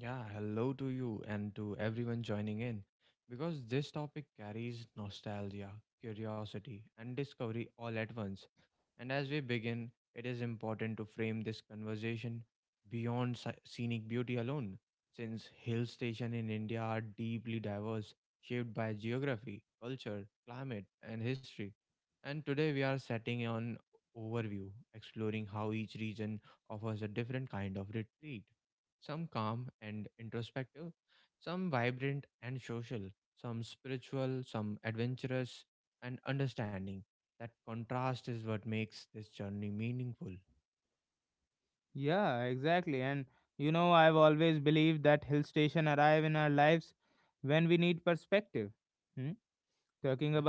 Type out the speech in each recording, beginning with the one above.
Yeah, hello to you and to everyone joining in because this topic carries nostalgia, curiosity, and discovery all at once. And as we begin, it is important to frame this conversation beyond scenic beauty alone, since hill stations in India are deeply diverse, shaped by geography, culture, climate, and history. And today we are setting an overview, exploring how each region offers a different kind of retreat. Some calm and introspective, some vibrant and social, some spiritual, some adventurous and understanding that contrast is what makes this journey meaningful. Yeah,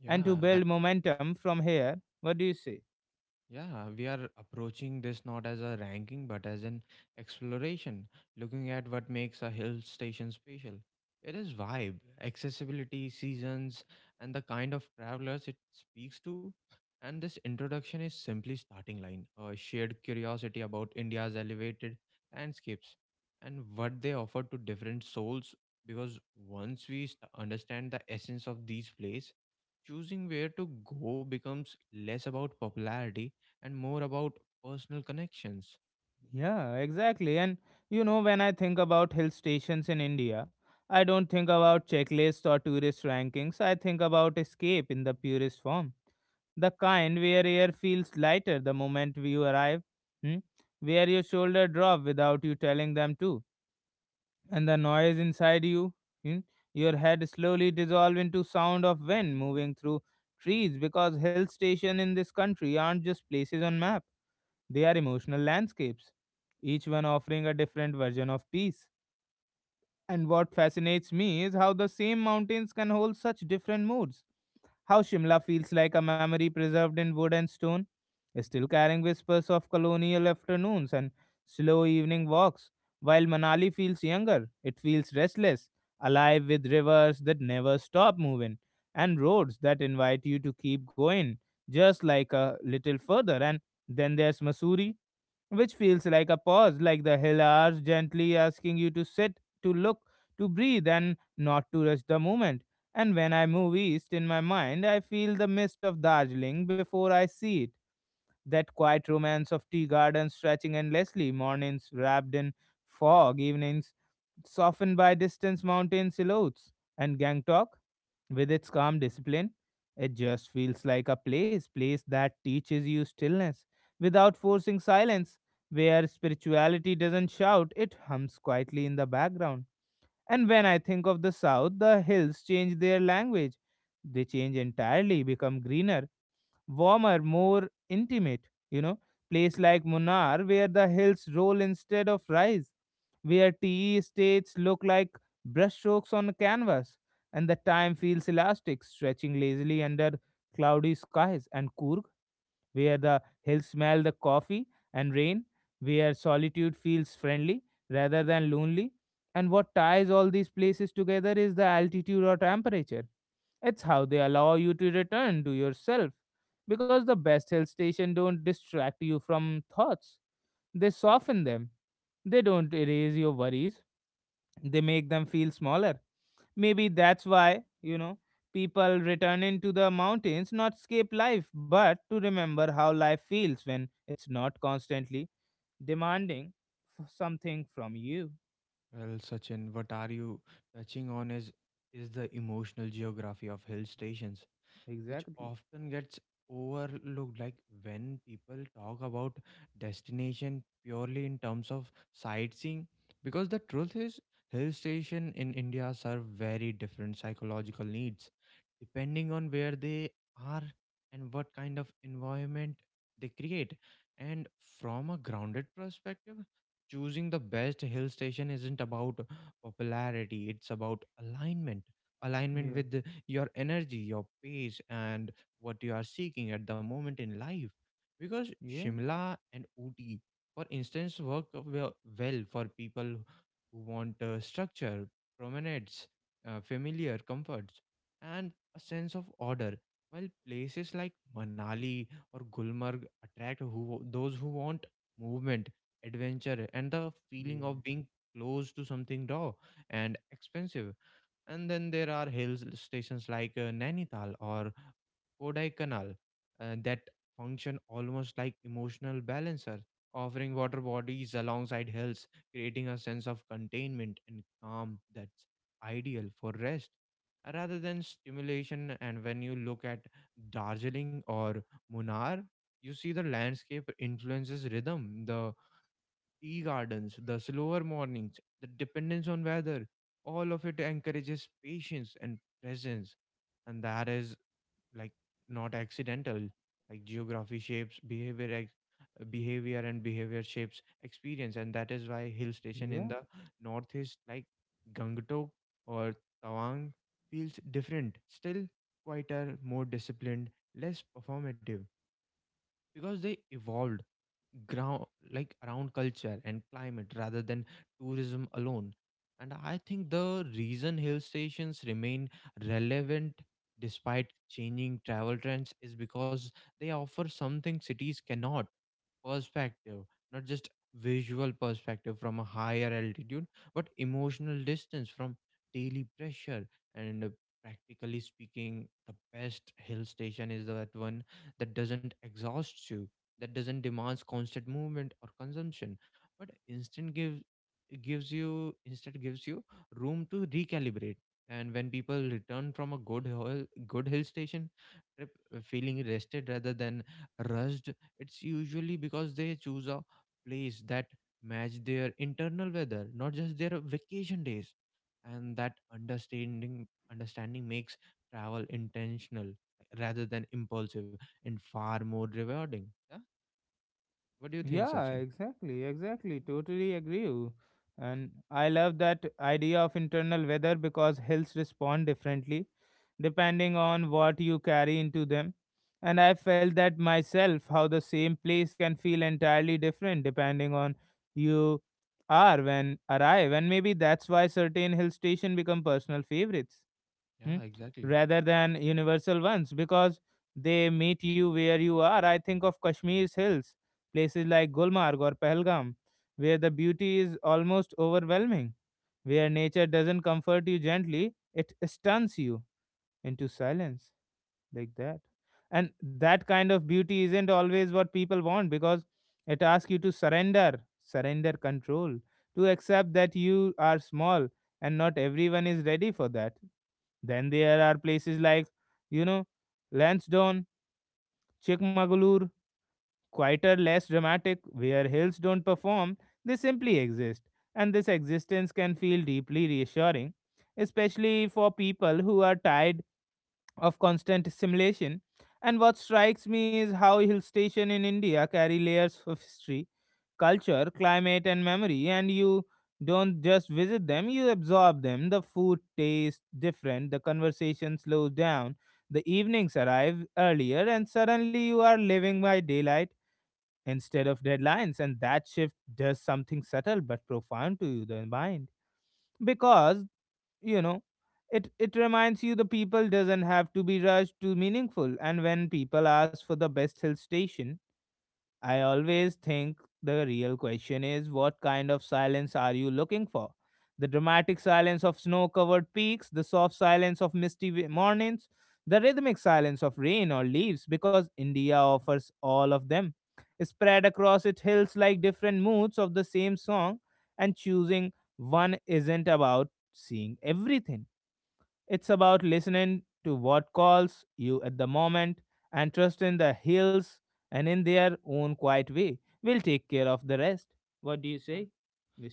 yeah. Yeah, we are approaching this not as a ranking but as an exploration, looking at what makes a hill station special. It is vibe, accessibility, seasons, and the kind of travelers it speaks to. And this introduction is simply starting line, a shared curiosity about India's elevated landscapes and what they offer to different souls. Because once we understand the essence of these places, choosing where to go becomes less about popularity and more about personal connections. Well, Sachin, what are you touching on is the emotional geography of hill stations, which often gets overlooked, like when people talk about destination purely in terms of sightseeing, because the truth is hill station in India serve very different psychological needs depending on where they are and what kind of environment they create. And from a grounded perspective, choosing the best hill station isn't about popularity, it's about alignment. Alignment with your energy, your pace, and what you are seeking at the moment in life. Because Shimla and Ooty, for instance, work well for people who want structure, promenades, familiar comforts, and a sense of order. While places like Manali or Gulmarg attract who those who want movement, adventure, and the feeling of being close to something raw and expensive. And then there are hill stations like Nainital or Kodaikanal, that function almost like emotional balancers, offering water bodies alongside hills, creating a sense of containment and calm that's ideal for rest rather than stimulation. And when you look at Darjeeling or Munnar, you see the landscape influences rhythm. The tea gardens, the slower mornings, the dependence on weather, all of it encourages patience and presence. And that is like not accidental. Like geography shapes behavior, behavior and behavior shapes experience. And that is why hill station in the northeast, like Gangtok or Tawang, feels different, still quieter, more disciplined, less performative because they evolved ground like around culture and climate rather than tourism alone. And I think the reason hill stations remain relevant despite changing travel trends is because they offer something cities cannot: perspective. Not just visual perspective from a higher altitude, but emotional distance from daily pressure. And practically speaking, the best hill station is that one that doesn't exhaust you, that doesn't demands constant movement or consumption, but instant gives gives you instead gives you room to recalibrate. And when people return from a good hill station trip, feeling rested rather than rushed, it's usually because they choose a place that match their internal weather, not just their vacation days. And that understanding makes travel intentional rather than impulsive and far more rewarding. Yeah. What do you think, Sachin? Yeah, exactly.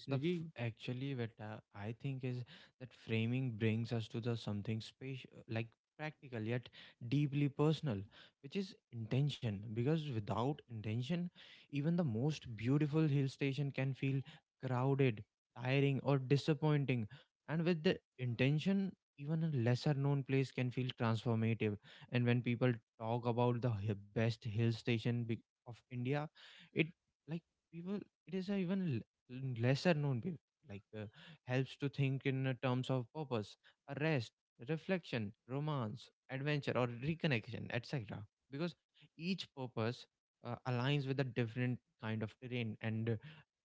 Actually what I think is that framing brings us to the something special, like practical yet deeply personal, which is intention. Because without intention, even the most beautiful hill station can feel crowded, tiring or disappointing, and with the intention, even a lesser known place can feel transformative. And when people talk about the best hill station of India, it, like, people, it is a even lesser known people, like, helps to think in terms of purpose, rest, reflection, romance, adventure or reconnection, etc. Because each purpose aligns with a different kind of terrain and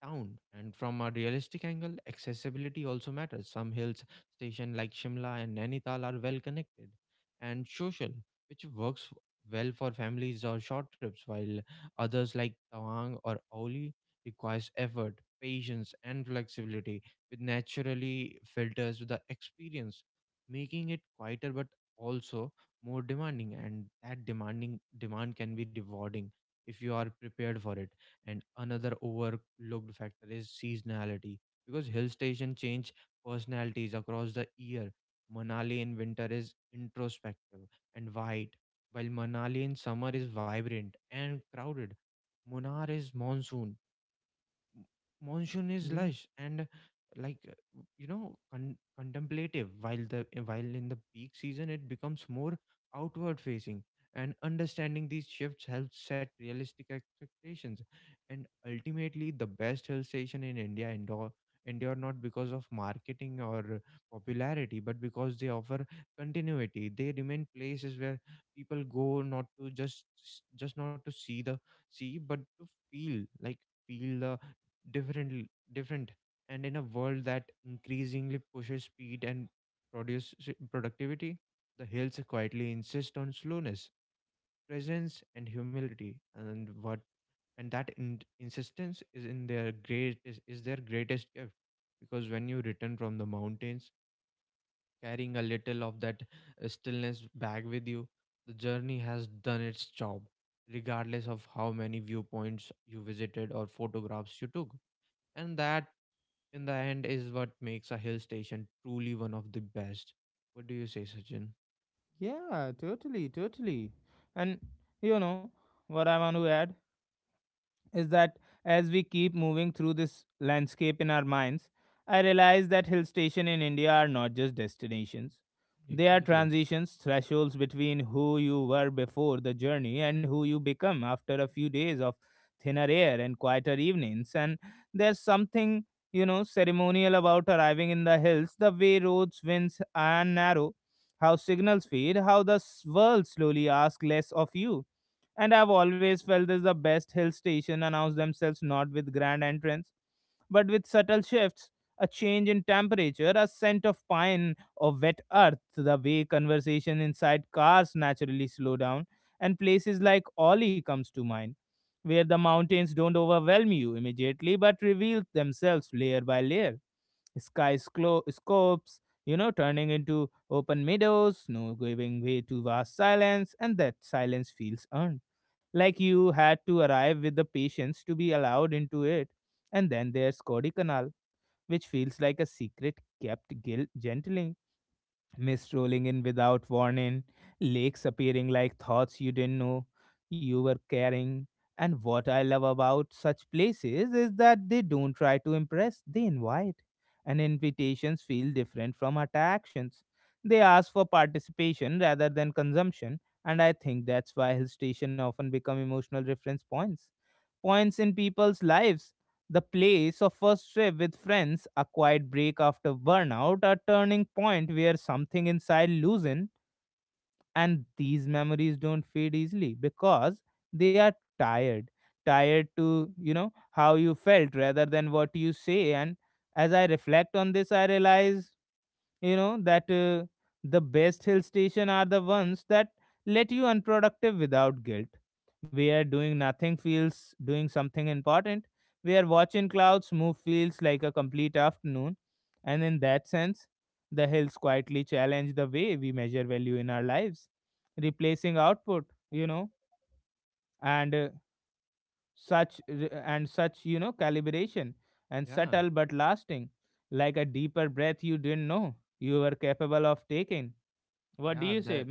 town. And from a realistic angle, accessibility also matters. Some hills station like Shimla and Nainital are well connected and social, which works well for families or short trips, while others like Tawang or Auli requires effort, patience and flexibility, with naturally filters with the experience, making it quieter but also more demanding. And that demand can be rewarding if you are prepared for it. And another overlooked factor is seasonality, because hill station change personalities across the year. Manali in winter is introspective and white, while Manali in summer is vibrant and crowded. Munar is monsoon monsoon is lush and, like, contemplative, while the while in the peak season it becomes more outward facing. And understanding these shifts helps set realistic expectations. And ultimately, the best hill station in India endure not because of marketing or popularity, but because they offer continuity. They remain places where people go not to just not to see, but to feel the different. And in a world that increasingly pushes speed and produce productivity, the hills quietly insist on slowness, presence and humility. And what and that insistence is in their great is their greatest gift, because when you return from the mountains carrying a little of that stillness back with you, the journey has done its job, regardless of how many viewpoints you visited or photographs you took. And that, in the end, is what makes a hill station truly one of the best. What do you say, Sachin? Exactly. Yeah. Yeah. That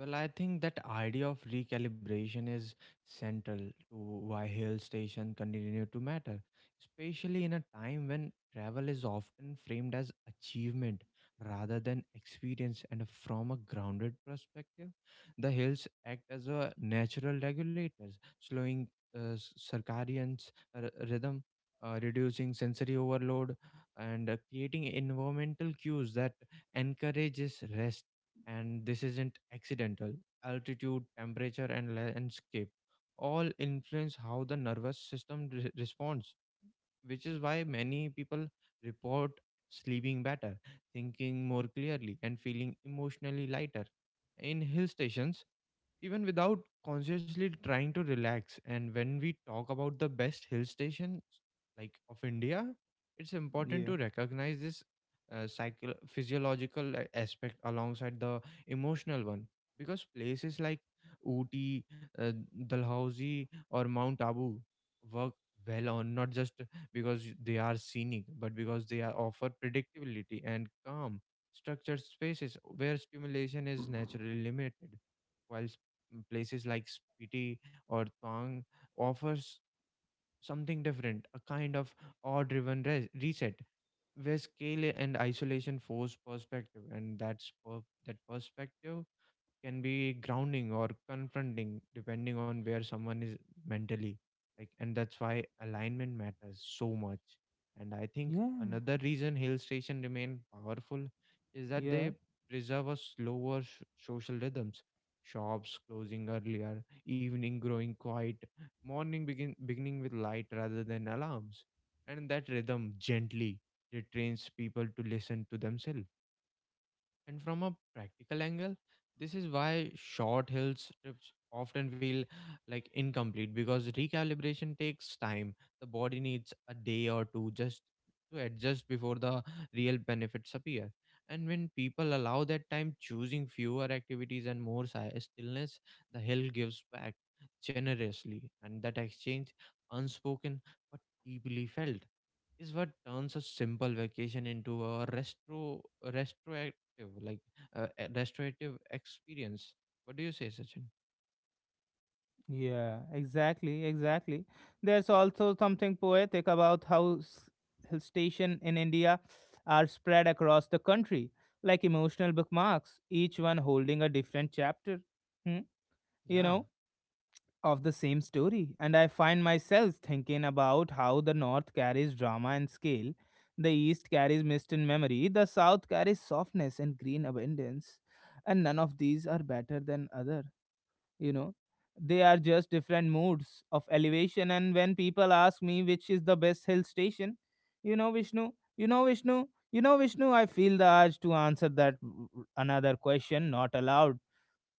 Well, I think that idea of recalibration is central to why hill stations continue to matter, especially in a time when travel is often framed as achievement rather than experience. And from a grounded perspective, the hills act as a natural regulators, slowing circadian rhythm, reducing sensory overload, and creating environmental cues that encourages rest. And this isn't accidental. Altitude, temperature, and landscape all influence how the nervous system responds, which is why many people report sleeping better, thinking more clearly, and feeling emotionally lighter. In hill stations, even without consciously trying to relax. And when we talk about the best hill stations, like, of India, it's important to recognize this physiological aspect alongside the emotional one, because places like Ooty, uh, Dalhousie, or Mount Abu work well, on not just because they are scenic, but because they are offer predictability and calm, structured spaces where stimulation is naturally limited. While places like Spiti or Tang offers something different, a kind of awe-driven reset, where scale and isolation force perspective. And that perspective can be grounding or confronting depending on where someone is mentally, like. And that's why alignment matters so much. And I think another reason hill station remain powerful is that they preserve a slower social rhythms, shops closing earlier, evening growing quiet, morning begin beginning with light rather than alarms. And that rhythm gently, it trains people to listen to themselves. And from a practical angle, this is why short hills trips often feel, like, incomplete, because recalibration takes time. The body needs a day or two just to adjust before the real benefits appear. And when people allow that time, choosing fewer activities and more stillness, the hill gives back generously. And that exchange, unspoken but deeply felt, is what turns a simple vacation into a retro retroactive like a restorative experience. What do you say, Sachin? Yeah,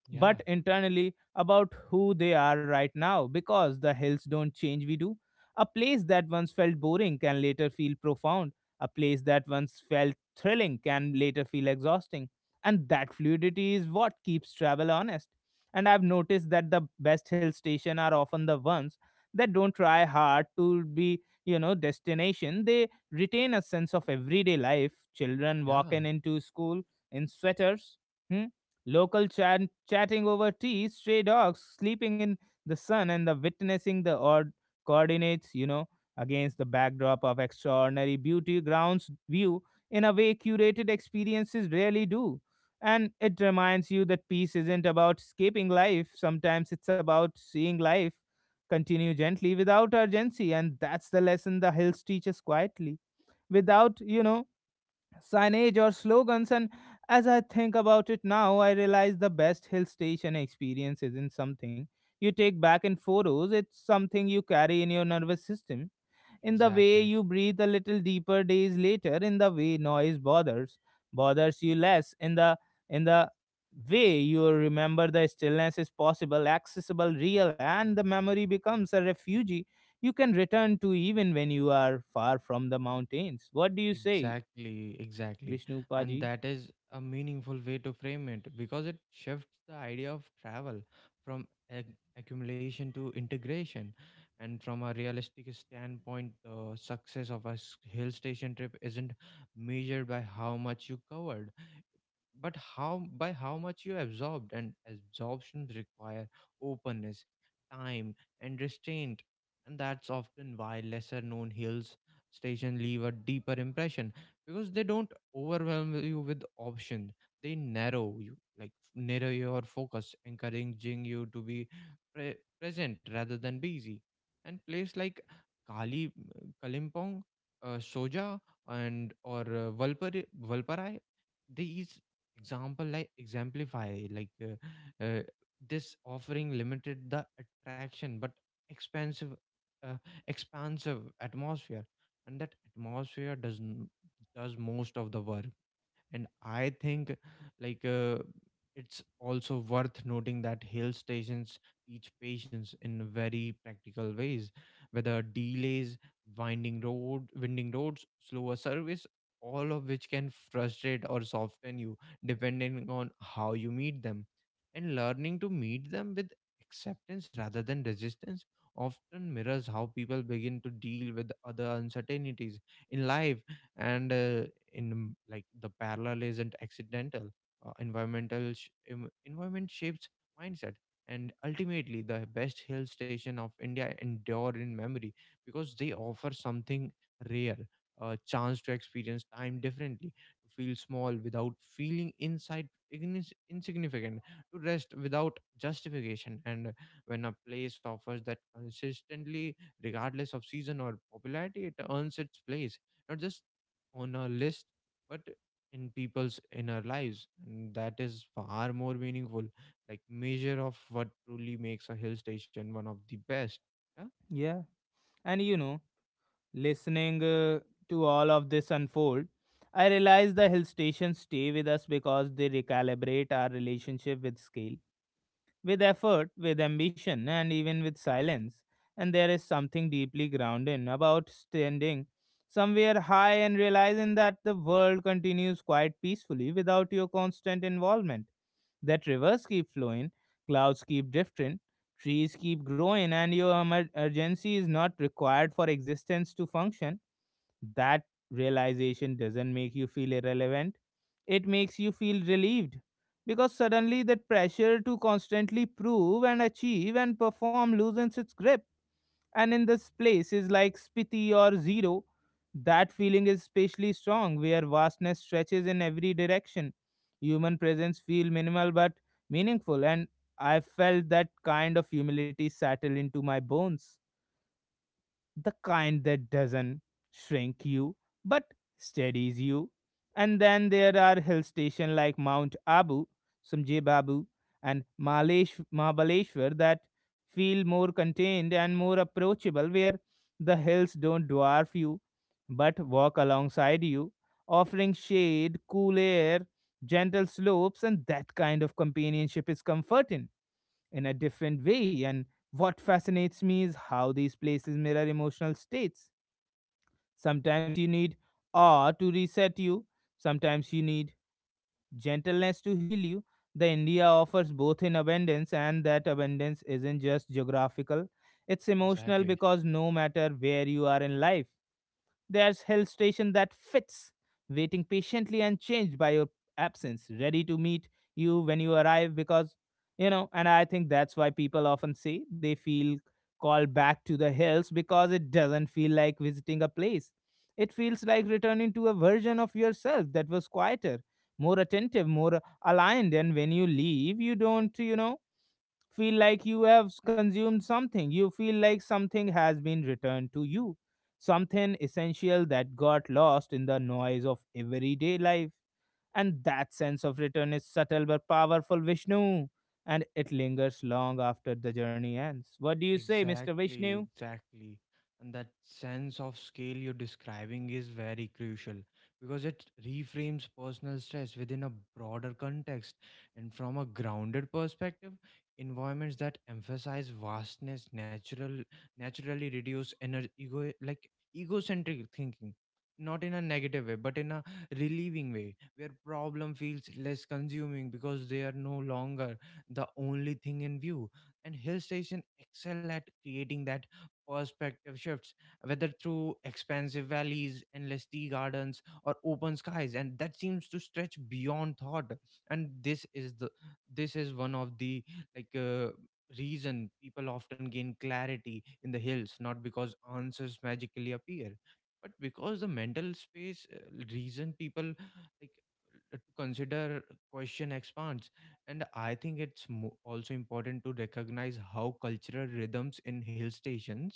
yeah, yeah. Exactly, exactly, exactly. And that is a meaningful way to frame it because it shifts the idea of travel from accumulation to integration. And from a realistic standpoint, the success of a hill station trip isn't measured by how much you covered, but how by how much you absorbed. And absorption require openness, time, and restraint. And that's often why lesser known hills station leave a deeper impression, because they don't overwhelm you with options. They narrow your focus, encouraging you to be present rather than busy. And place like kali Kalimpong, Soja, and or Valparai, these example like exemplify this offering limited the attraction but expensive uh, expansive atmosphere. And that atmosphere does most of the work. And I think, like uh, it's also worth noting that hill stations teach patience in very practical ways: whether delays, winding roads, slower service, all of which can frustrate or soften you depending on how you meet them. And learning to meet them with acceptance rather than resistance often mirrors how people begin to deal with other uncertainties in life. And in like the parallel isn't accidental. Environment shapes mindset. And ultimately the best hill station of India endure in memory, because they offer something rare: a chance to experience time differently, to feel small without feeling insignificant, to rest without justification. And when a place offers that consistently, regardless of season or popularity, it earns its place, not just on a list, but in people's inner lives. And that is far more meaningful, like measure of what truly makes a hill station one of the best. Yeah. Exactly. Exactly, exactly. And that sense of scale you're describing is very crucial, because it reframes personal stress within a broader context. And from a grounded perspective, environments that emphasize vastness naturally reduce egocentric thinking. Not in a negative way, but in a relieving way, where problem feels less consuming because they are no longer the only thing in view. And hill station excel at creating that perspective shifts, whether through expansive valleys, endless tea gardens, or open skies, and that seems to stretch beyond thought. And this is one of the like uh, reason people often gain clarity in the hills, not because answers magically appear, but because the mental space reason people like to consider question expands. And I think it's also important to recognize how cultural rhythms in hill stations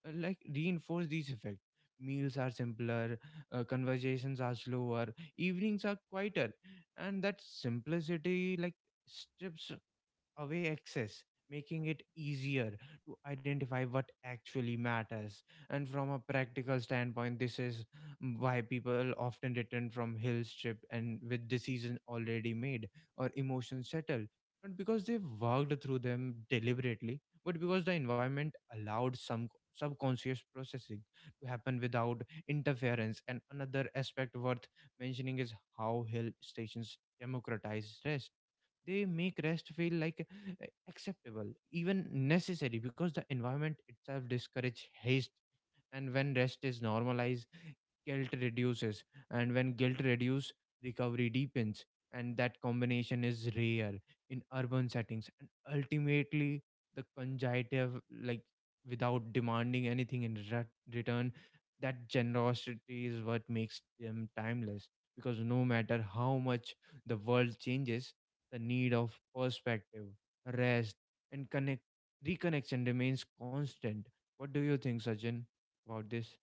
reinforce these effects. Meals are simpler, conversations are slower, evenings are quieter, and that simplicity like strips away access, making it easier to identify what actually matters. And from a practical standpoint, this is why people often return from hill trip and with decisions already made or emotions settled. Not because they worked through them deliberately, but because the environment allowed some subconscious processing to happen without interference. And another aspect worth mentioning is how hill stations democratize rest. They make rest feel like acceptable, even necessary, because the environment itself discourages haste. And when rest is normalized, guilt reduces, and when guilt reduces, recovery deepens. And that combination is rare in urban settings. And ultimately the conjunctive like without demanding anything in return, that generosity is what makes them timeless, because no matter how much the world changes, the need of perspective, rest, and connect reconnection remains constant. What do you think, Sajjan, about this?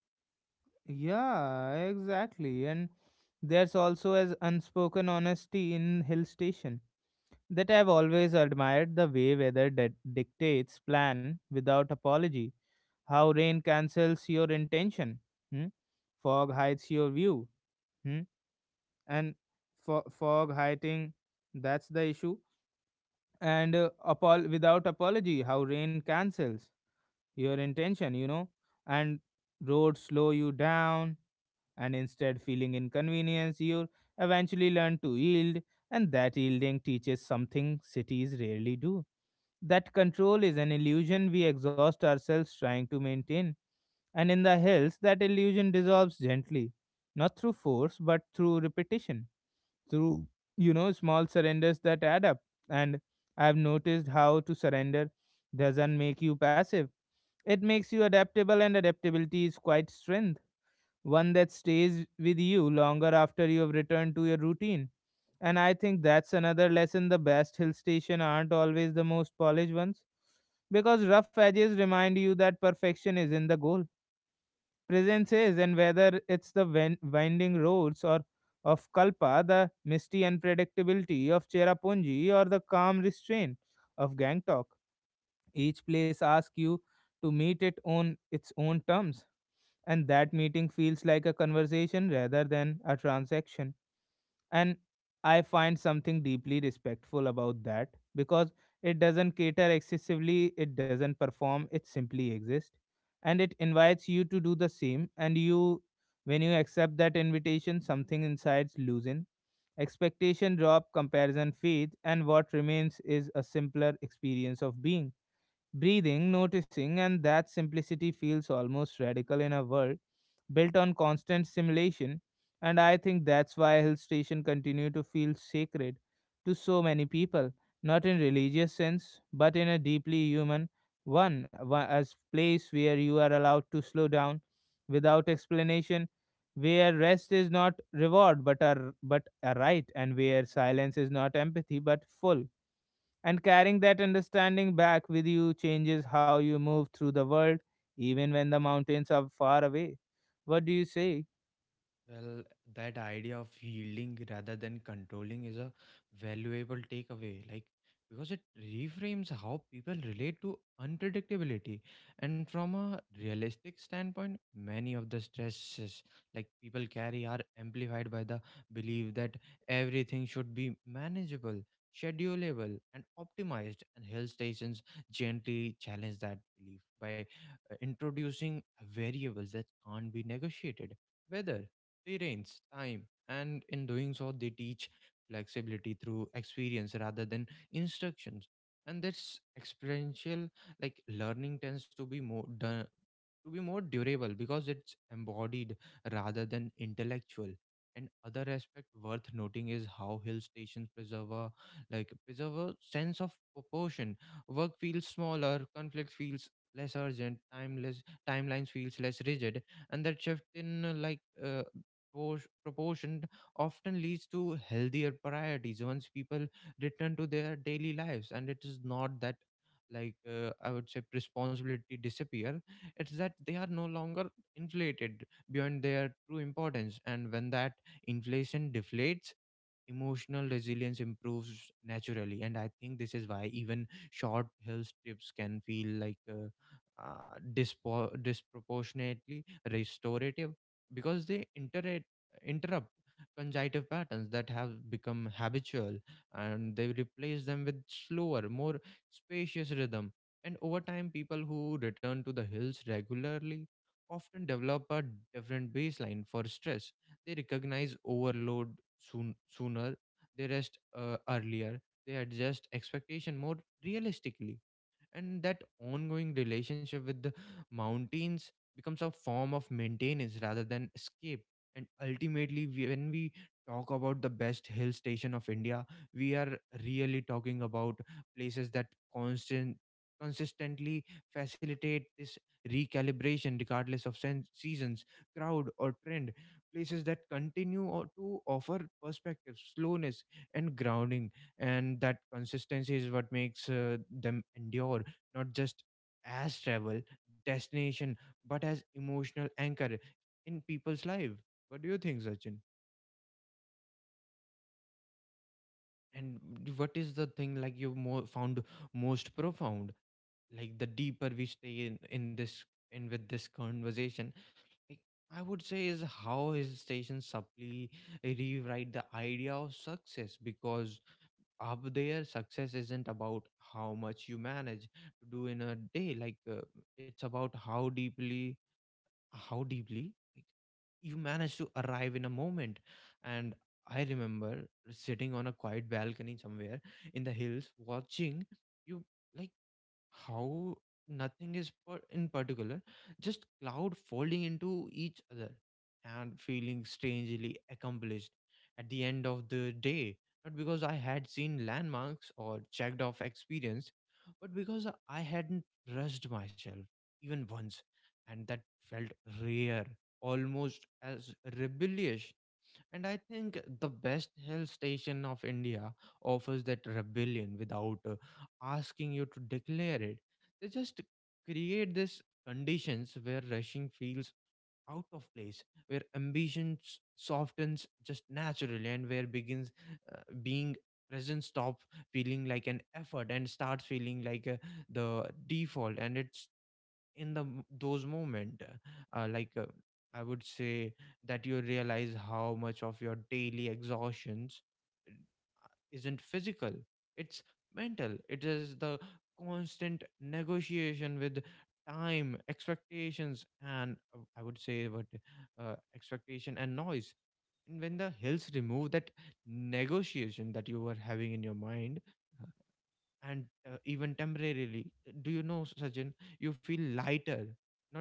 Well, that idea of yielding rather than controlling is a valuable takeaway, like because it reframes how people relate to unpredictability. And from a realistic standpoint, many of the stresses like people carry are amplified by the belief that everything should be manageable, schedulable, and optimized. And hill stations gently challenge that belief by introducing variables that can't be negotiated. Whether experience time, and in doing so they teach flexibility through experience rather than instructions. And this experiential like learning tends to be more durable, because it's embodied rather than intellectual. And other aspect worth noting is how hill stations preserve a sense of proportion. Work feels smaller, conflict feels less urgent, timeless timelines feels less rigid. And that shift in proportion often leads to healthier priorities once people return to their daily lives. And it is not that, I would say, responsibility disappear. It's that they are no longer inflated beyond their true importance. And when that inflation deflates, emotional resilience improves naturally. And I think this is why even short hill trips can feel like disproportionately restorative, because they interrupt conjunctive patterns that have become habitual, and they replace them with slower, more spacious rhythm. And over time, people who return to the hills regularly often develop a different baseline for stress. They recognize overload sooner, they rest earlier, they adjust expectation more realistically. And that ongoing relationship with the mountains becomes a form of maintenance rather than escape. And ultimately, when we talk about the best hill station of India, we are really talking about places that constant consistently facilitate this recalibration regardless of seasons, crowd, or trend. Places that continue or to offer perspective, slowness, and grounding. And that consistency is what makes them endure, not just as travel destination, but as emotional anchor in people's life. What do you think, Sachin? And what is the thing like you more found most profound, like the deeper we stay in this in with this conversation? Like, I would say is how his station subtly rewrite the idea of success, because up there success isn't about how much you manage to do in a day, it's about how deeply, like, you manage to arrive in a moment. And I remember sitting on a quiet balcony somewhere in the hills, watching you, like, how nothing is in particular, just cloud folding into each other, and feeling strangely accomplished at the end of the day, not because I had seen landmarks or checked off experience, but because I hadn't rushed myself even once. And that felt rare, almost as rebellious. And I think the best hill station of India offers that rebellion without asking you to declare it. They just create these conditions where rushing feels out of place, where ambition softens just naturally, and where begins being present stop feeling like an effort and starts feeling like the default. And it's in those moment, uh, like uh, I would say, that you realize how much of your daily exhaustions isn't physical, it's mental. It is the constant negotiation with time expectations and I would say what expectation and noise. And when the hills remove that negotiation that you were having in your mind, and even temporarily, do you know, Sajjan, you feel lighter, not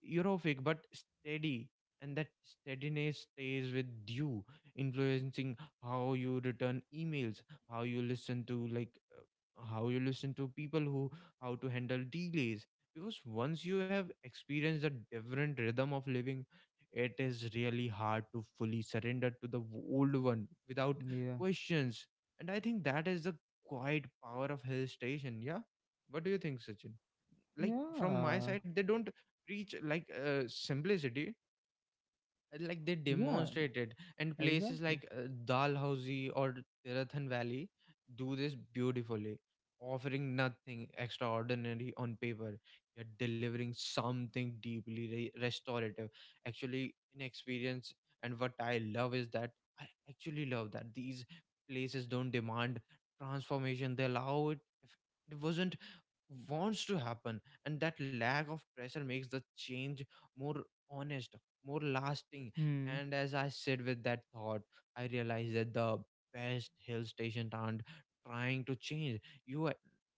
euphoric but steady. And that steadiness stays with you, influencing how you return emails, how you listen to, how you listen to people who, how to handle delays, because once you have experienced a different rhythm of living, it is really hard to fully surrender to the old one without Yeah. questions. And I think that is the quiet power of hill station. Yeah. What do you think, Sachin? Like from my Yeah. side, they don't preach, simplicity, like they Yeah. demonstrated. And places Exactly. like Dalhousie or Tirathan Valley do this beautifully, offering nothing extraordinary on paper, yet delivering something deeply restorative actually in experience. And what I actually love that these places don't demand transformation, they allow it if it wasn't wants to happen. And that lack of pressure makes the change more honest, more lasting. Hmm. And as I sit with that thought, I realize that the best hill stations aren't trying to change you,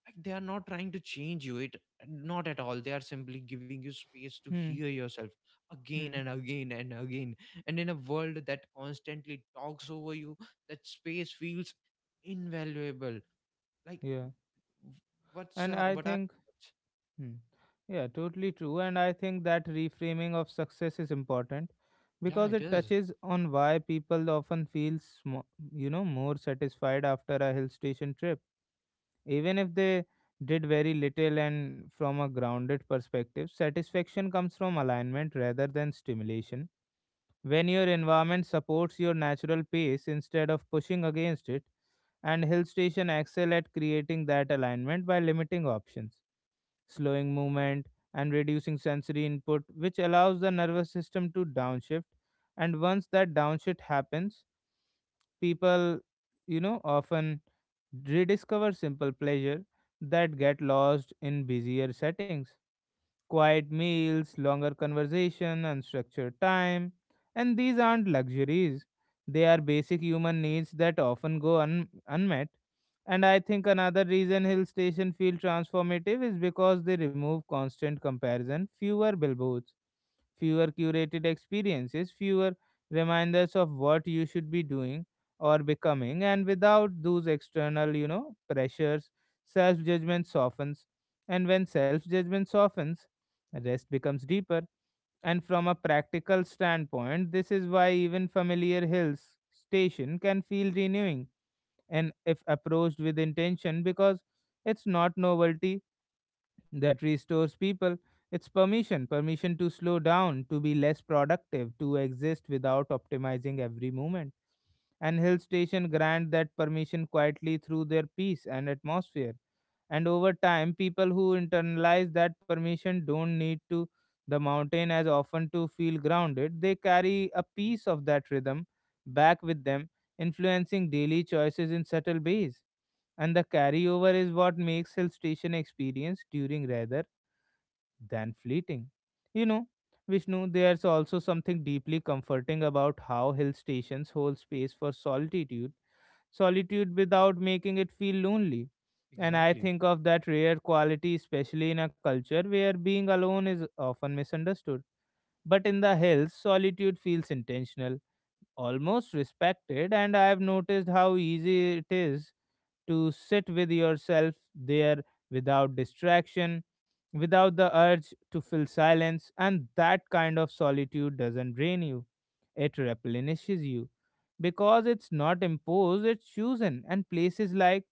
like they are not trying to change you, it not at all, they are simply giving you space to hear Hmm. yourself, again Hmm. and again and again. And in a world that constantly talks over you, that space feels invaluable. Like Yeah. What's And I what are think. Hmm. Yeah. Totally true. And I think that reframing of success is important Yeah, because it it is. touches on why people often feel, more satisfied after a hill station trip, even if they did very little. And from a grounded perspective, satisfaction comes from alignment rather than stimulation. When your environment supports your natural pace instead of pushing against it, and hill station excel at creating that alignment by limiting options, slowing movement, and reducing sensory input, which allows the nervous system to downshift. And once that downshift happens, people, you know, often rediscover simple pleasure that get lost in busier settings, quiet meals, longer conversation, unstructured time. And these aren't luxuries, they are basic human needs that often go unmet. And I think another reason hill station feel transformative is because they remove constant comparison, fewer billboards, fewer curated experiences, fewer reminders of what you should be doing or becoming, and without those external, you know, pressures, self judgment softens. And when self judgment softens, rest becomes deeper. And from a practical standpoint, this is why even familiar hills station can feel renewing and if approached with intention because it's not novelty that restores people, its permission to slow down, to be less productive, to exist without optimizing every moment. And Hill Station grant that permission quietly through their peace and atmosphere. And over time, people who internalize that permission don't need to the mountain as often to feel grounded. They carry a piece of that rhythm back with them, influencing daily choices in subtle ways. And the carryover is what makes Hill Station experience during rather than fleeting. You know, Vishnu, there's also something deeply comforting about how hill stations hold space for solitude, solitude without making it feel lonely. And I Exactly. think of that rare quality, especially in a culture where being alone is often misunderstood. But in the hills, solitude feels intentional, almost respected, and I have noticed how easy it is to sit with yourself there without distraction, without the urge to fill silence, and that kind of solitude doesn't drain you. It replenishes you because it's not imposed, it's chosen, and places like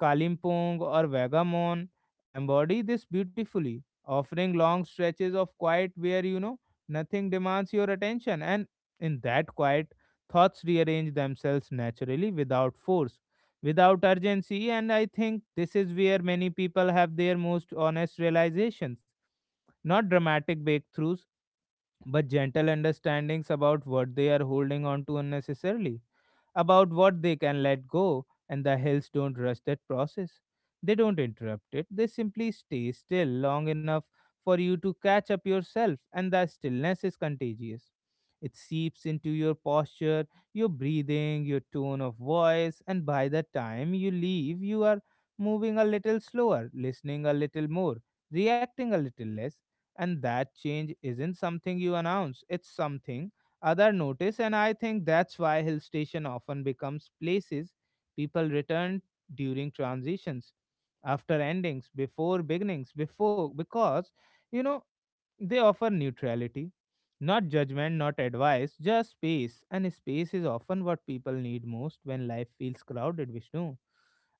Kalimpong or Vagamon embody this beautifully, offering long stretches of quiet where you know nothing demands your attention, and in that quiet, thoughts rearrange themselves naturally without force, without urgency, and I think this is where many people have their most honest realizations, not dramatic breakthroughs, but gentle understandings about what they are holding on to unnecessarily, about what they can let go, and the hills don't rush that process. They don't interrupt it, they simply stay still long enough for you to catch up yourself, and the stillness is contagious. It seeps into your posture, your breathing, your tone of voice, and by the time you leave, you are moving a little slower, listening a little more, reacting a little less, and that change isn't something you announce, it's something other notice, and I think that's why hill station often becomes places people return during transitions, after endings, before beginnings, before because you know they offer neutrality, not judgment, not advice, just space. And space is often what people need most when life feels crowded, Vishnu.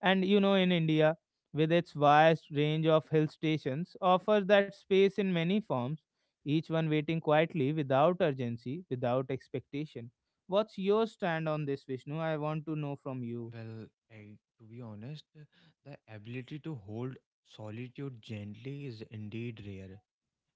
And you know, in India, with its vast range of hill stations, offers that space in many forms, each one waiting quietly without urgency, without expectation. What's your stand on this, Vishnu? I want to know from you. Well, I, to be honest, the ability to hold solitude gently is indeed rare.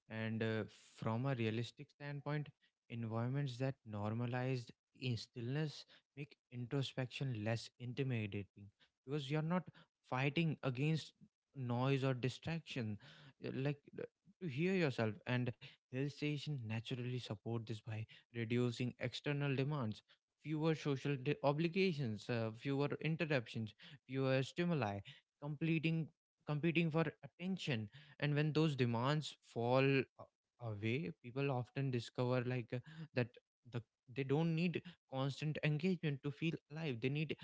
And from a realistic standpoint, environments that normalized in stillness make introspection less intimidating, because you're not fighting against noise or distraction. Uh, Like uh, to hear yourself, and hill station naturally support this by reducing external demands. Fewer social obligations, fewer interruptions, fewer stimuli, completing competing for attention. And when those demands fall away, people often discover, that the they don't need constant engagement to feel alive. They need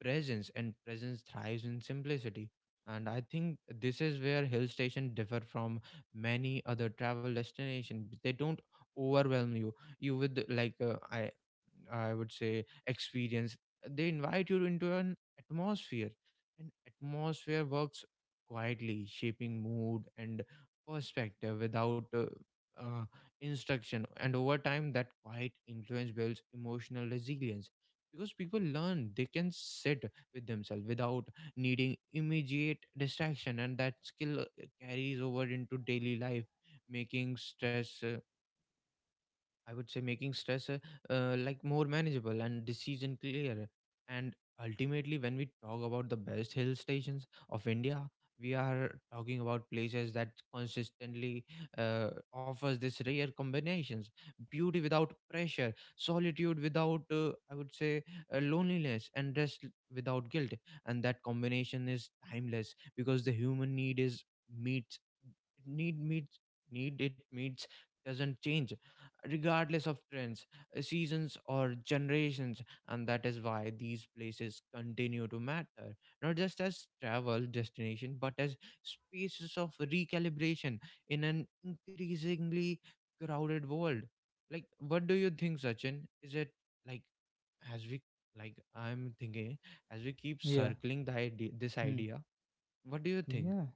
presence, and presence thrives in simplicity. And I think this is where hill station differ from many other travel destination. They don't overwhelm you with, I would say, experience. They invite you into an atmosphere, and atmosphere works quietly, shaping mood and perspective without uh, instruction. And over time, that quiet influence builds emotional resilience, because people learn they can sit with themselves without needing immediate distraction. And that skill carries over into daily life, making stress. I would say making stress, more manageable and decision clear. And ultimately, when we talk about the best hill stations of India, we are talking about places that consistently offers this rare combinations: beauty without pressure, solitude without, I would say, loneliness, and rest without guilt. And that combination is timeless because the human need is meets meets need it meets doesn't change regardless of trends, seasons, or generations. And that is why these places continue to matter, not just as travel destination, but as spaces of recalibration in an increasingly crowded world. Like, what do you think, Sachin? Is it, like, as we, like, I'm thinking, as we keep Yeah. circling this Hmm. idea? What do you think? Yeah.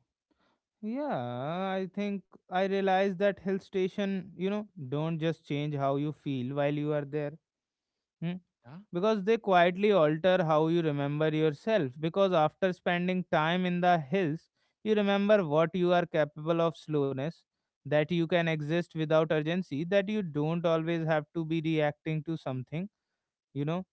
Yeah, I think I realize that hill station, you know, don't just change how you feel while you are there. Hmm? Yeah? Because they quietly alter how you remember yourself. Because after spending time in the hills, you remember what you are capable of, slowness, that you can exist without urgency, that you don't always have to be reacting to something, you know,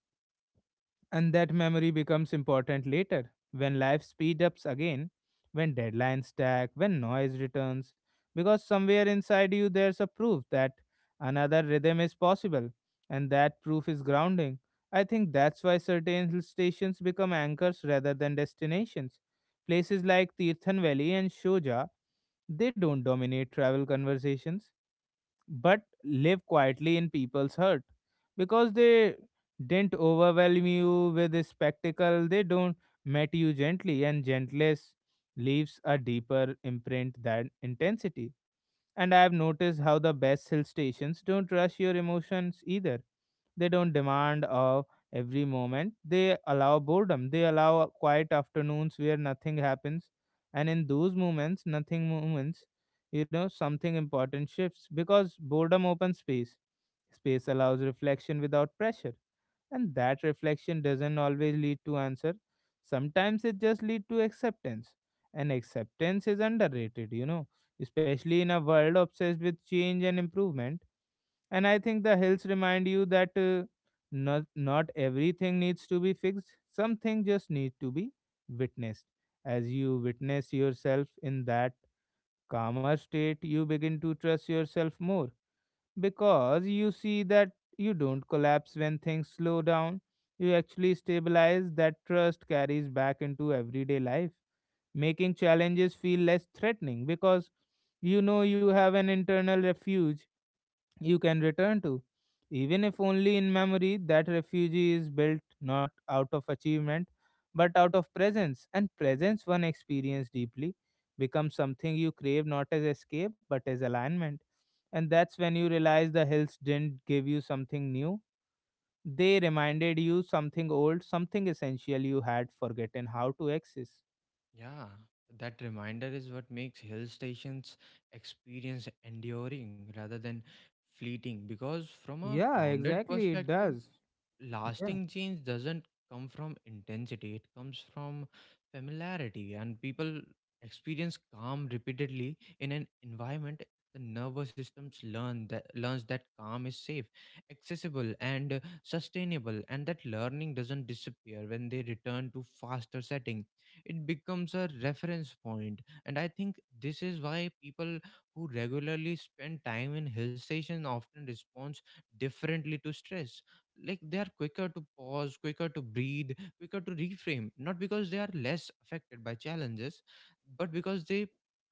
and that memory becomes important later when life speed ups again, when deadlines stack, when noise returns, because somewhere inside you there's a proof that another rhythm is possible, and that proof is grounding. I think that's why certain hill stations become anchors rather than destinations. Places like Tirthan Valley and Shoja, they don't dominate travel conversations, but live quietly in people's hurt, because they didn't overwhelm you with a spectacle. They don't met you gently, and gentleness leaves a deeper imprint than intensity. And I have noticed how the best hill stations don't rush your emotions either. They don't demand of every moment. They allow boredom. They allow quiet afternoons where nothing happens, and in those moments, nothing moments, you know, something important shifts because boredom opens space. Space allows reflection without pressure, and that reflection doesn't always lead to answer. Sometimes it just leads to acceptance, and acceptance is underrated, you know, especially in a world obsessed with change and improvement, and I think the hills remind you that not everything needs to be fixed, something just needs to be witnessed. As you witness yourself in that calmer state, you begin to trust yourself more because you see that you don't collapse when things slow down. You actually stabilize, that trust carries back into everyday life, making challenges feel less threatening because you know you have an internal refuge you can return to, even if only in memory. That refuge is built not out of achievement, but out of presence, and presence one experience deeply becomes something you crave not as escape but as alignment. And that's when you realize the hills didn't give you something new. They reminded you something old, something essential you had forgotten how to access. Yeah, that reminder is what makes hill stations experience enduring rather than fleeting, because from a Yeah, grounded exactly. It perspective does. Yeah, lasting change doesn't come from intensity, it comes from familiarity. And people experience calm repeatedly in an environment, the nervous systems learns that calm is safe, accessible and sustainable, and that learning doesn't disappear when they return to faster setting. It becomes a reference point. And I think this is why people who regularly spend time in hill station often responds differently to stress. Like, they are quicker to pause, quicker to breathe, quicker to reframe, not because they are less affected by challenges, but because they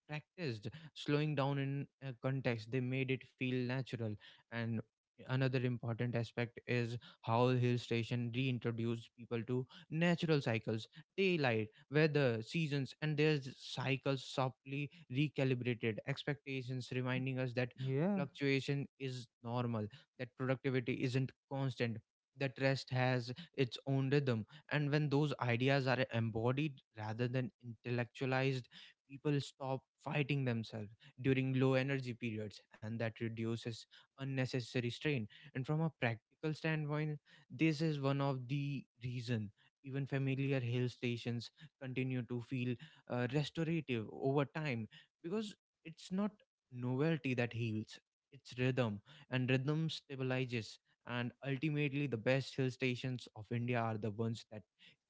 practiced slowing down in a context they made it feel natural. And another important aspect is how hill station reintroduced people to natural cycles. Daylight, weather, seasons, and their cycles softly recalibrated expectations, reminding us that yeah. fluctuation is normal, that productivity isn't constant, that rest has its own rhythm. And when those ideas are embodied rather than intellectualized, people stop fighting themselves during low energy periods, and that reduces unnecessary strain. And from a practical standpoint, this is one of the reason even familiar hill stations continue to feel restorative over time, because it's not novelty that heals, it's rhythm, and rhythm stabilizes. And ultimately, the best hill stations of India are the ones that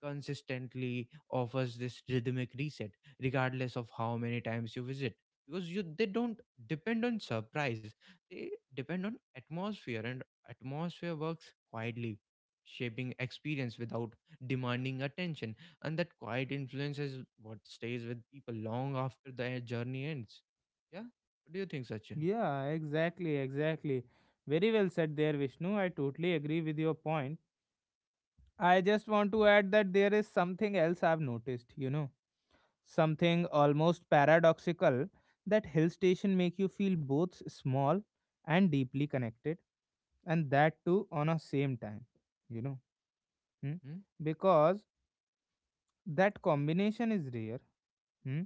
consistently offers this rhythmic reset, regardless of how many times you visit. Because you, they don't depend on surprise; they depend on atmosphere, and atmosphere works quietly, shaping experience without demanding attention. And that quiet influence is what stays with people long after the journey ends. Yeah. What do you think, Sachin? Yeah, exactly, exactly. Very well said there, Vishnu. I totally agree with your point. I just want to add that there is something else I've noticed, you know, something almost paradoxical, that hill station make you feel both small and deeply connected, and that too on a same time, you know, hmm? Hmm? Because that combination is rare. Hmm?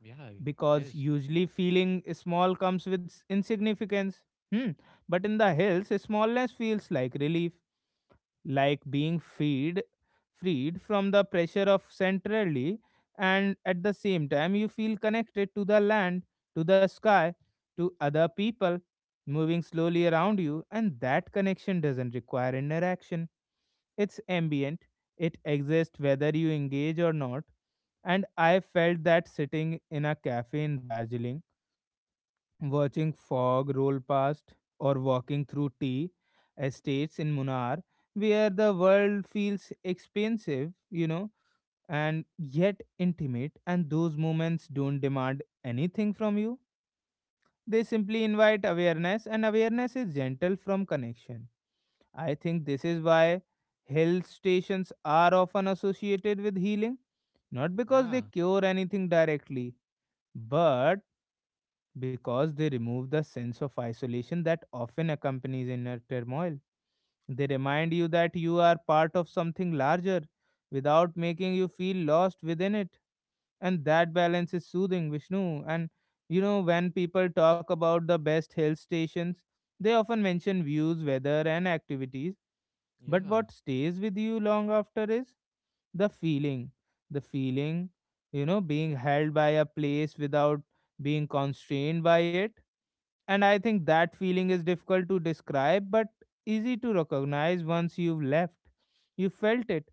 Yeah, it Because is. usually feeling small comes with insignificance. Hmm. But in the hills, smallness feels like relief, like being freed from the pressure of centrally, and at the same time, you feel connected to the land, to the sky, to other people moving slowly around you, and that connection doesn't require interaction. It's ambient, it exists whether you engage or not. And I felt that sitting in a cafe in Darjeeling watching fog roll past or walking through tea estates in Munnar where the world feels expensive, you know, and yet intimate, and those moments don't demand anything from you. They simply invite awareness, and awareness is gentle from connection. I think this is why hill stations are often associated with healing, not because Yeah, they cure anything directly, but because they remove the sense of isolation that often accompanies inner turmoil. They remind you that you are part of something larger without making you feel lost within it. And that balance is soothing, Vishnu. And you know, when people talk about the best hill stations, they often mention views, weather, and activities. But yeah. what stays with you long after is the feeling. The feeling, you know, being held by a place without being constrained by it, and I think that feeling is difficult to describe but easy to recognize once you've left. You felt it,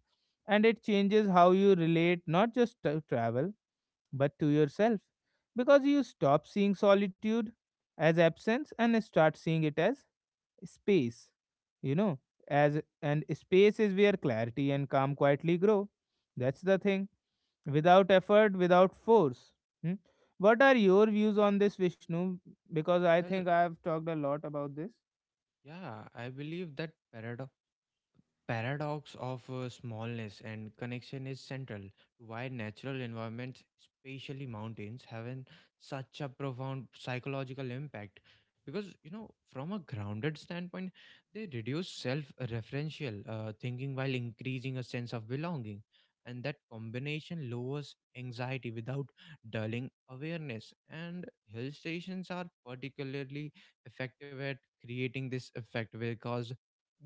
and it changes how you relate not just to travel but to yourself, because you stop seeing solitude as absence and start seeing it as space. You know, as and space is where clarity and calm quietly grow. That's the thing, without effort, without force. Hmm? What are your views on this, Vishnu? Because I think Well, I have talked a lot about this. yeah, I believe that paradox of smallness and connection is central to why natural environments, especially mountains, have an, such a profound psychological impact. Because, you know, from a grounded standpoint, they reduce self-referential thinking while increasing a sense of belonging, and that combination lowers anxiety without dulling awareness. And hill stations are particularly effective at creating this effect, because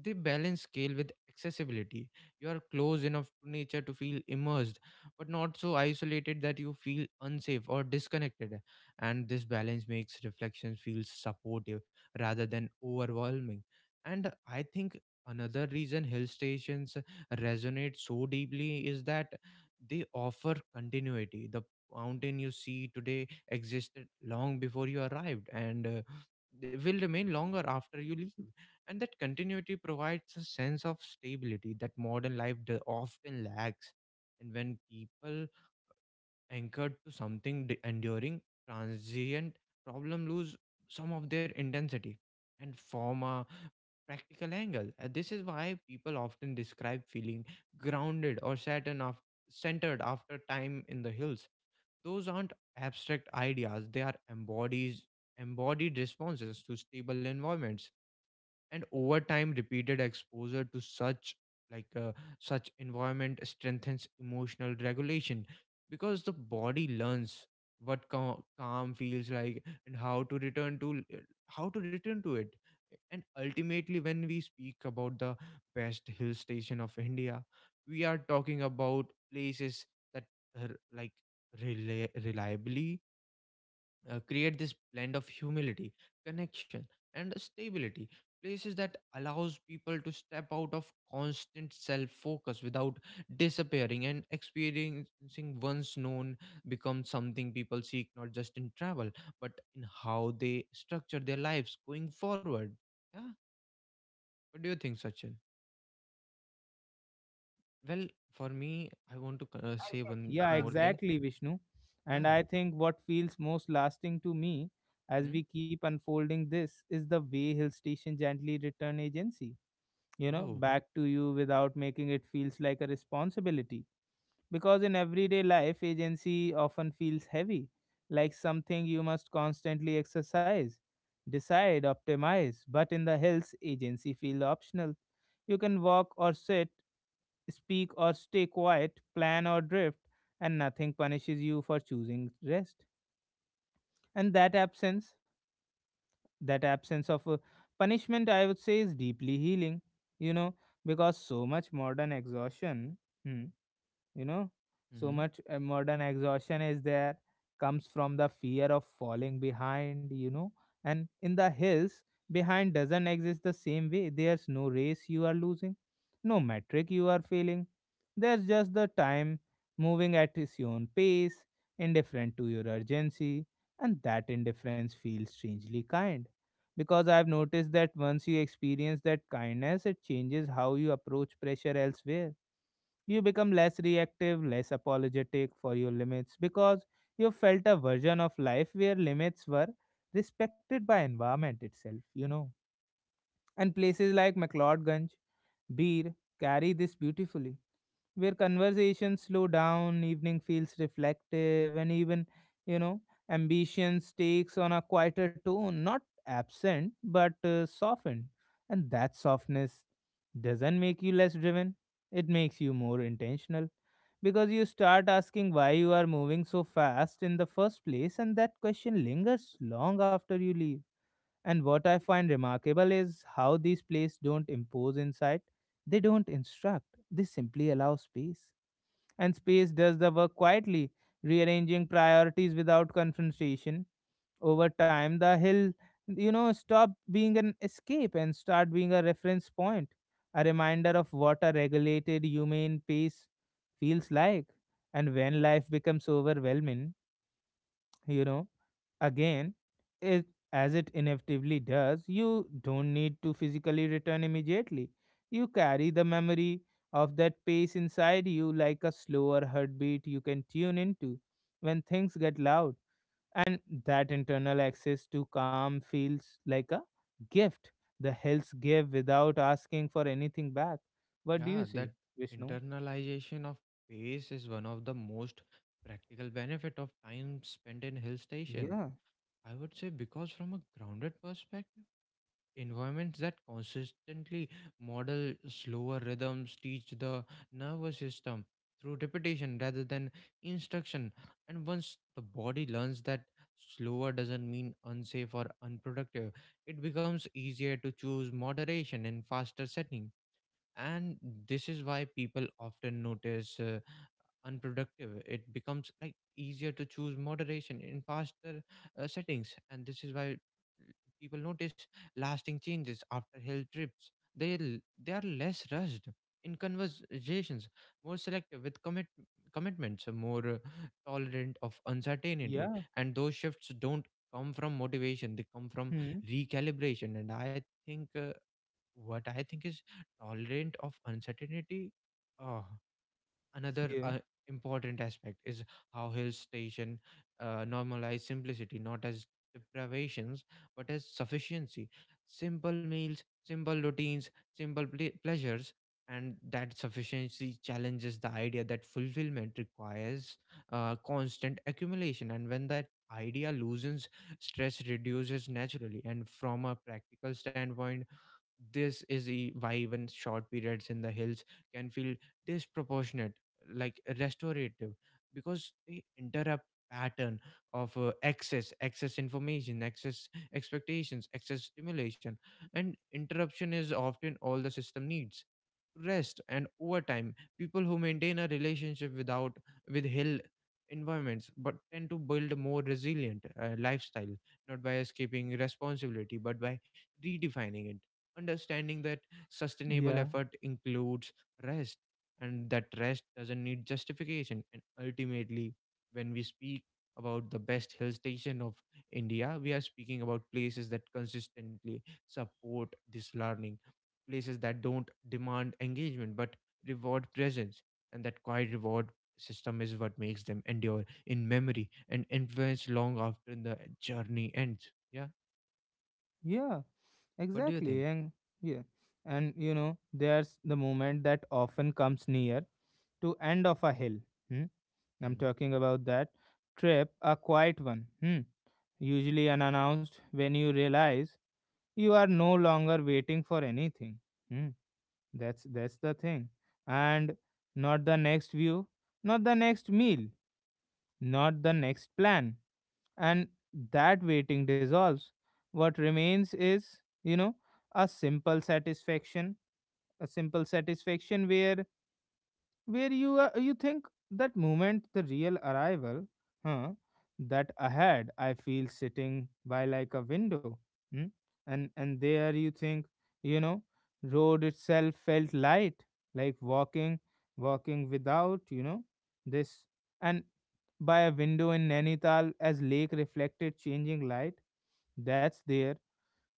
they balance scale with accessibility. You are close enough to nature to feel immersed, but not so isolated that you feel unsafe or disconnected. And this balance makes reflections feel supportive rather than overwhelming. And I think another reason hill stations resonate so deeply is that they offer continuity. The mountain you see today existed long before you arrived, and will remain longer after you leave, and that continuity provides a sense of stability that modern life often lacks. And when people anchored to something enduring, transient problem lose some of their intensity, and form a practical angle. And this is why people often describe feeling grounded or certain of centered after time in the hills. Those aren't abstract ideas; they are embodied responses to stable environments. And over time, repeated exposure to such like uh, such environment strengthens emotional regulation, because the body learns what calm feels like and how to return to it. And ultimately, when we speak about the best hill station of India, we are talking about places that uh, like reliably create this blend of humility, connection and stability. Places that allows people to step out of constant self focus without disappearing, and experiencing once known becomes something people seek not just in travel, but in how they structure their lives going forward. Yeah. What do you think, Sachin? Well, for me, I want to say one Yeah, more thing. exactly, Vishnu. And Yeah. I think what feels most lasting to me, as Hmm? we keep unfolding this, is the way hill station gently return agency, you know, Oh. back to you without making it feels like a responsibility. Because in everyday life, agency often feels heavy, like something you must constantly exercise, decide, optimize. But in the hills, agency feels optional. You can walk or sit, speak or stay quiet, plan or drift, and nothing punishes you for choosing rest. And that absence of a punishment, I would say, is deeply healing, you know, because so much modern exhaustion. Hmm, you know, so Mm-hmm. much modern exhaustion is there, comes from the fear of falling behind, you know, and in the hills, behind doesn't exist the same way. There's no race you are losing, no metric you are failing, there's just the time moving at its own pace, indifferent to your urgency, and that indifference feels strangely kind, because I've noticed that once you experience that kindness, it changes how you approach pressure elsewhere. You become less reactive, less apologetic for your limits because you felt a version of life where limits were respected by environment itself, And places like McLeodganj, Beer carry this beautifully, where conversations slow down, evening feels reflective, and even, you know, ambitions takes on a quieter tone, not absent, but softened. And that softness doesn't make you less driven, it makes you more intentional because you start asking why you are moving so fast in the first place, and that question lingers long after you leave. And what I find remarkable is how these plays don't impose insight, they don't instruct, they simply allow space. And space does the work quietly, rearranging priorities without confrontation. Over time, the hill, stop being an escape and start being a reference point, a reminder of what a regulated, humane pace feels like. And when life becomes overwhelming, you know, again, it, as it inevitably does, you don't need to physically return immediately. You carry the memory of that pace inside you like a slower heartbeat you can tune into when things get loud. And that internal access to calm feels like a gift the hills give without asking for anything back. What do Yeah, you that say, Vishnu? internalization of pace is one of the most practical benefit of time spent in hill station, Yeah, I would say. Because from a grounded perspective, environments that consistently model slower rhythms teach the nervous system through repetition rather than instruction. And once the body learns that slower doesn't mean unsafe or unproductive, it becomes easier to choose moderation in faster setting. And this is why people often notice unproductive it becomes, like easier to choose moderation in faster settings. And this is why people notice lasting changes after hill trips. They they are less rushed in conversations, more selective with commitments, more tolerant of uncertainty. yeah. And those shifts don't come from motivation, they come from Hmm. recalibration. And I think what I think is tolerant of uncertainty. Uh, Another Yeah. Important aspect is how Hill Station normalize simplicity, not as deprivations, but as sufficiency. Simple meals, simple routines, simple pleasures, and that sufficiency challenges the idea that fulfillment requires constant accumulation. And when that idea loosens, stress reduces naturally. And from a practical standpoint, this is why even short periods in the hills can feel disproportionate, like restorative, because they interrupt pattern of excess, excess information, excess expectations, excess stimulation. And interruption is often all the system needs rest. And overtime, people who maintain a relationship without with hill environments but tend to build a more resilient lifestyle, not by escaping responsibility but by redefining it, understanding that sustainable Yeah. effort includes rest, and that rest doesn't need justification. And ultimately, when we speak about the best hill station of India, we are speaking about places that consistently support this learning, places that don't demand engagement but reward presence. And that quiet reward system is what makes them endure in memory and influence long after the journey ends. Yeah. Yeah. What do you think? Exactly, and yeah, and there's the moment that often comes near to end of a hill. Hmm? I'm Hmm. talking about that trip, a quiet one, hmm? Usually unannounced. When you realize you are no longer waiting for anything, hmm? That's the thing, and not the next view, not the next meal, not the next plan, and that waiting dissolves. What remains is, a simple satisfaction, a simple satisfaction where you are, you think that moment, the real arrival, huh? That ahead, I feel sitting by like a window, hmm? And there you think, you know, road itself felt light, like walking, walking without, this. And by a window in Nainital as lake reflected changing light. That's there.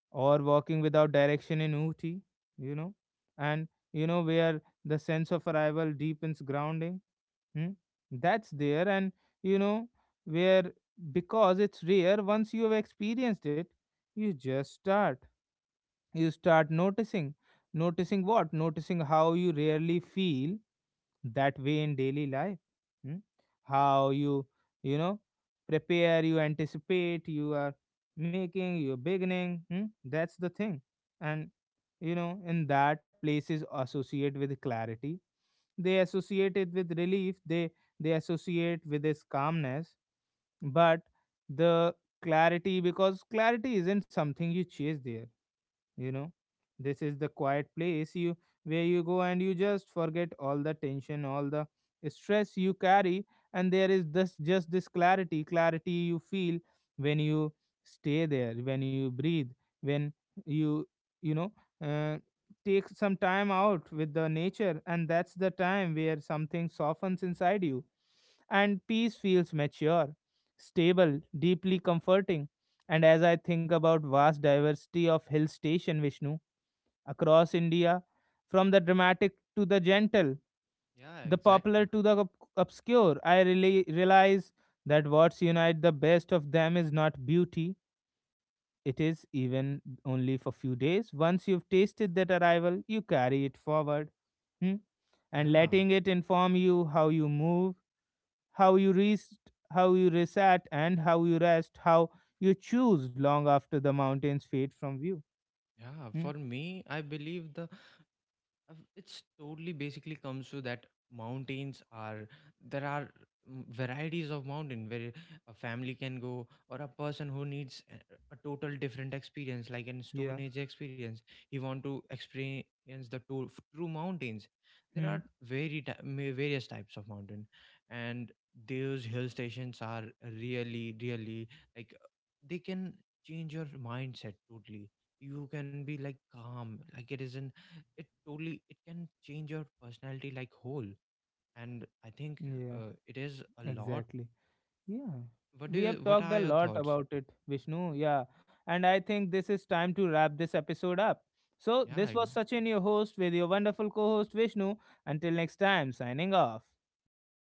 Or walking without direction in Uti, you know, and where the sense of arrival deepens grounding. Hmm? That's there, and you know where, because it's rare. Once you have experienced it, you just start you start noticing noticing what noticing how you rarely feel that way in daily life, hmm? How you, you know prepare, you anticipate, you are making, you're beginning, hmm? That's the thing. And in that places associate with clarity, they associate it with relief, they associate with this calmness, but the clarity, because clarity isn't something you chase there, you know this is the quiet place you, where you go and you just forget all the tension, all the stress you carry, and there is this just this clarity, clarity you feel when you stay there, when you breathe, when you you know uh, take some time out with the nature, and that's the time where something softens inside you, and peace feels mature, stable, deeply comforting. And as I think about vast diversity of hill station, Vishnu, across India, from the dramatic to the gentle, Yeah, the popular exactly. to the obscure, I really realize that what's unite the best of them is not beauty. It is even only for few days. Once you've tasted that arrival, you carry it forward. Hmm? And Yeah, letting it inform you how you move, how you rest, how you reset, and how you rest, how you choose long after the mountains fade from view. yeah. For Hmm? me, I believe the Of- It's totally basically comes to that mountains are, there are, mm, varieties of mountain, where a family can go, or a person who needs a total different experience like an Yeah. stone age experience. He want to experience the true, true mountains. There Hmm. are very various types of mountain, and those hill stations are really really like, they can change your mindset totally. You can be like calm, like it is an, it totally, it can change your personality like whole. And I think Yeah, it is a lot. exactly. Yeah. What do We you, have what talked are a your lot thoughts? about it, Vishnu. Yeah. And I think this is time to wrap this episode up. So, Yeah. this was Sachin, your host, with your wonderful co host, Vishnu. Until next time, signing off. Bye bye.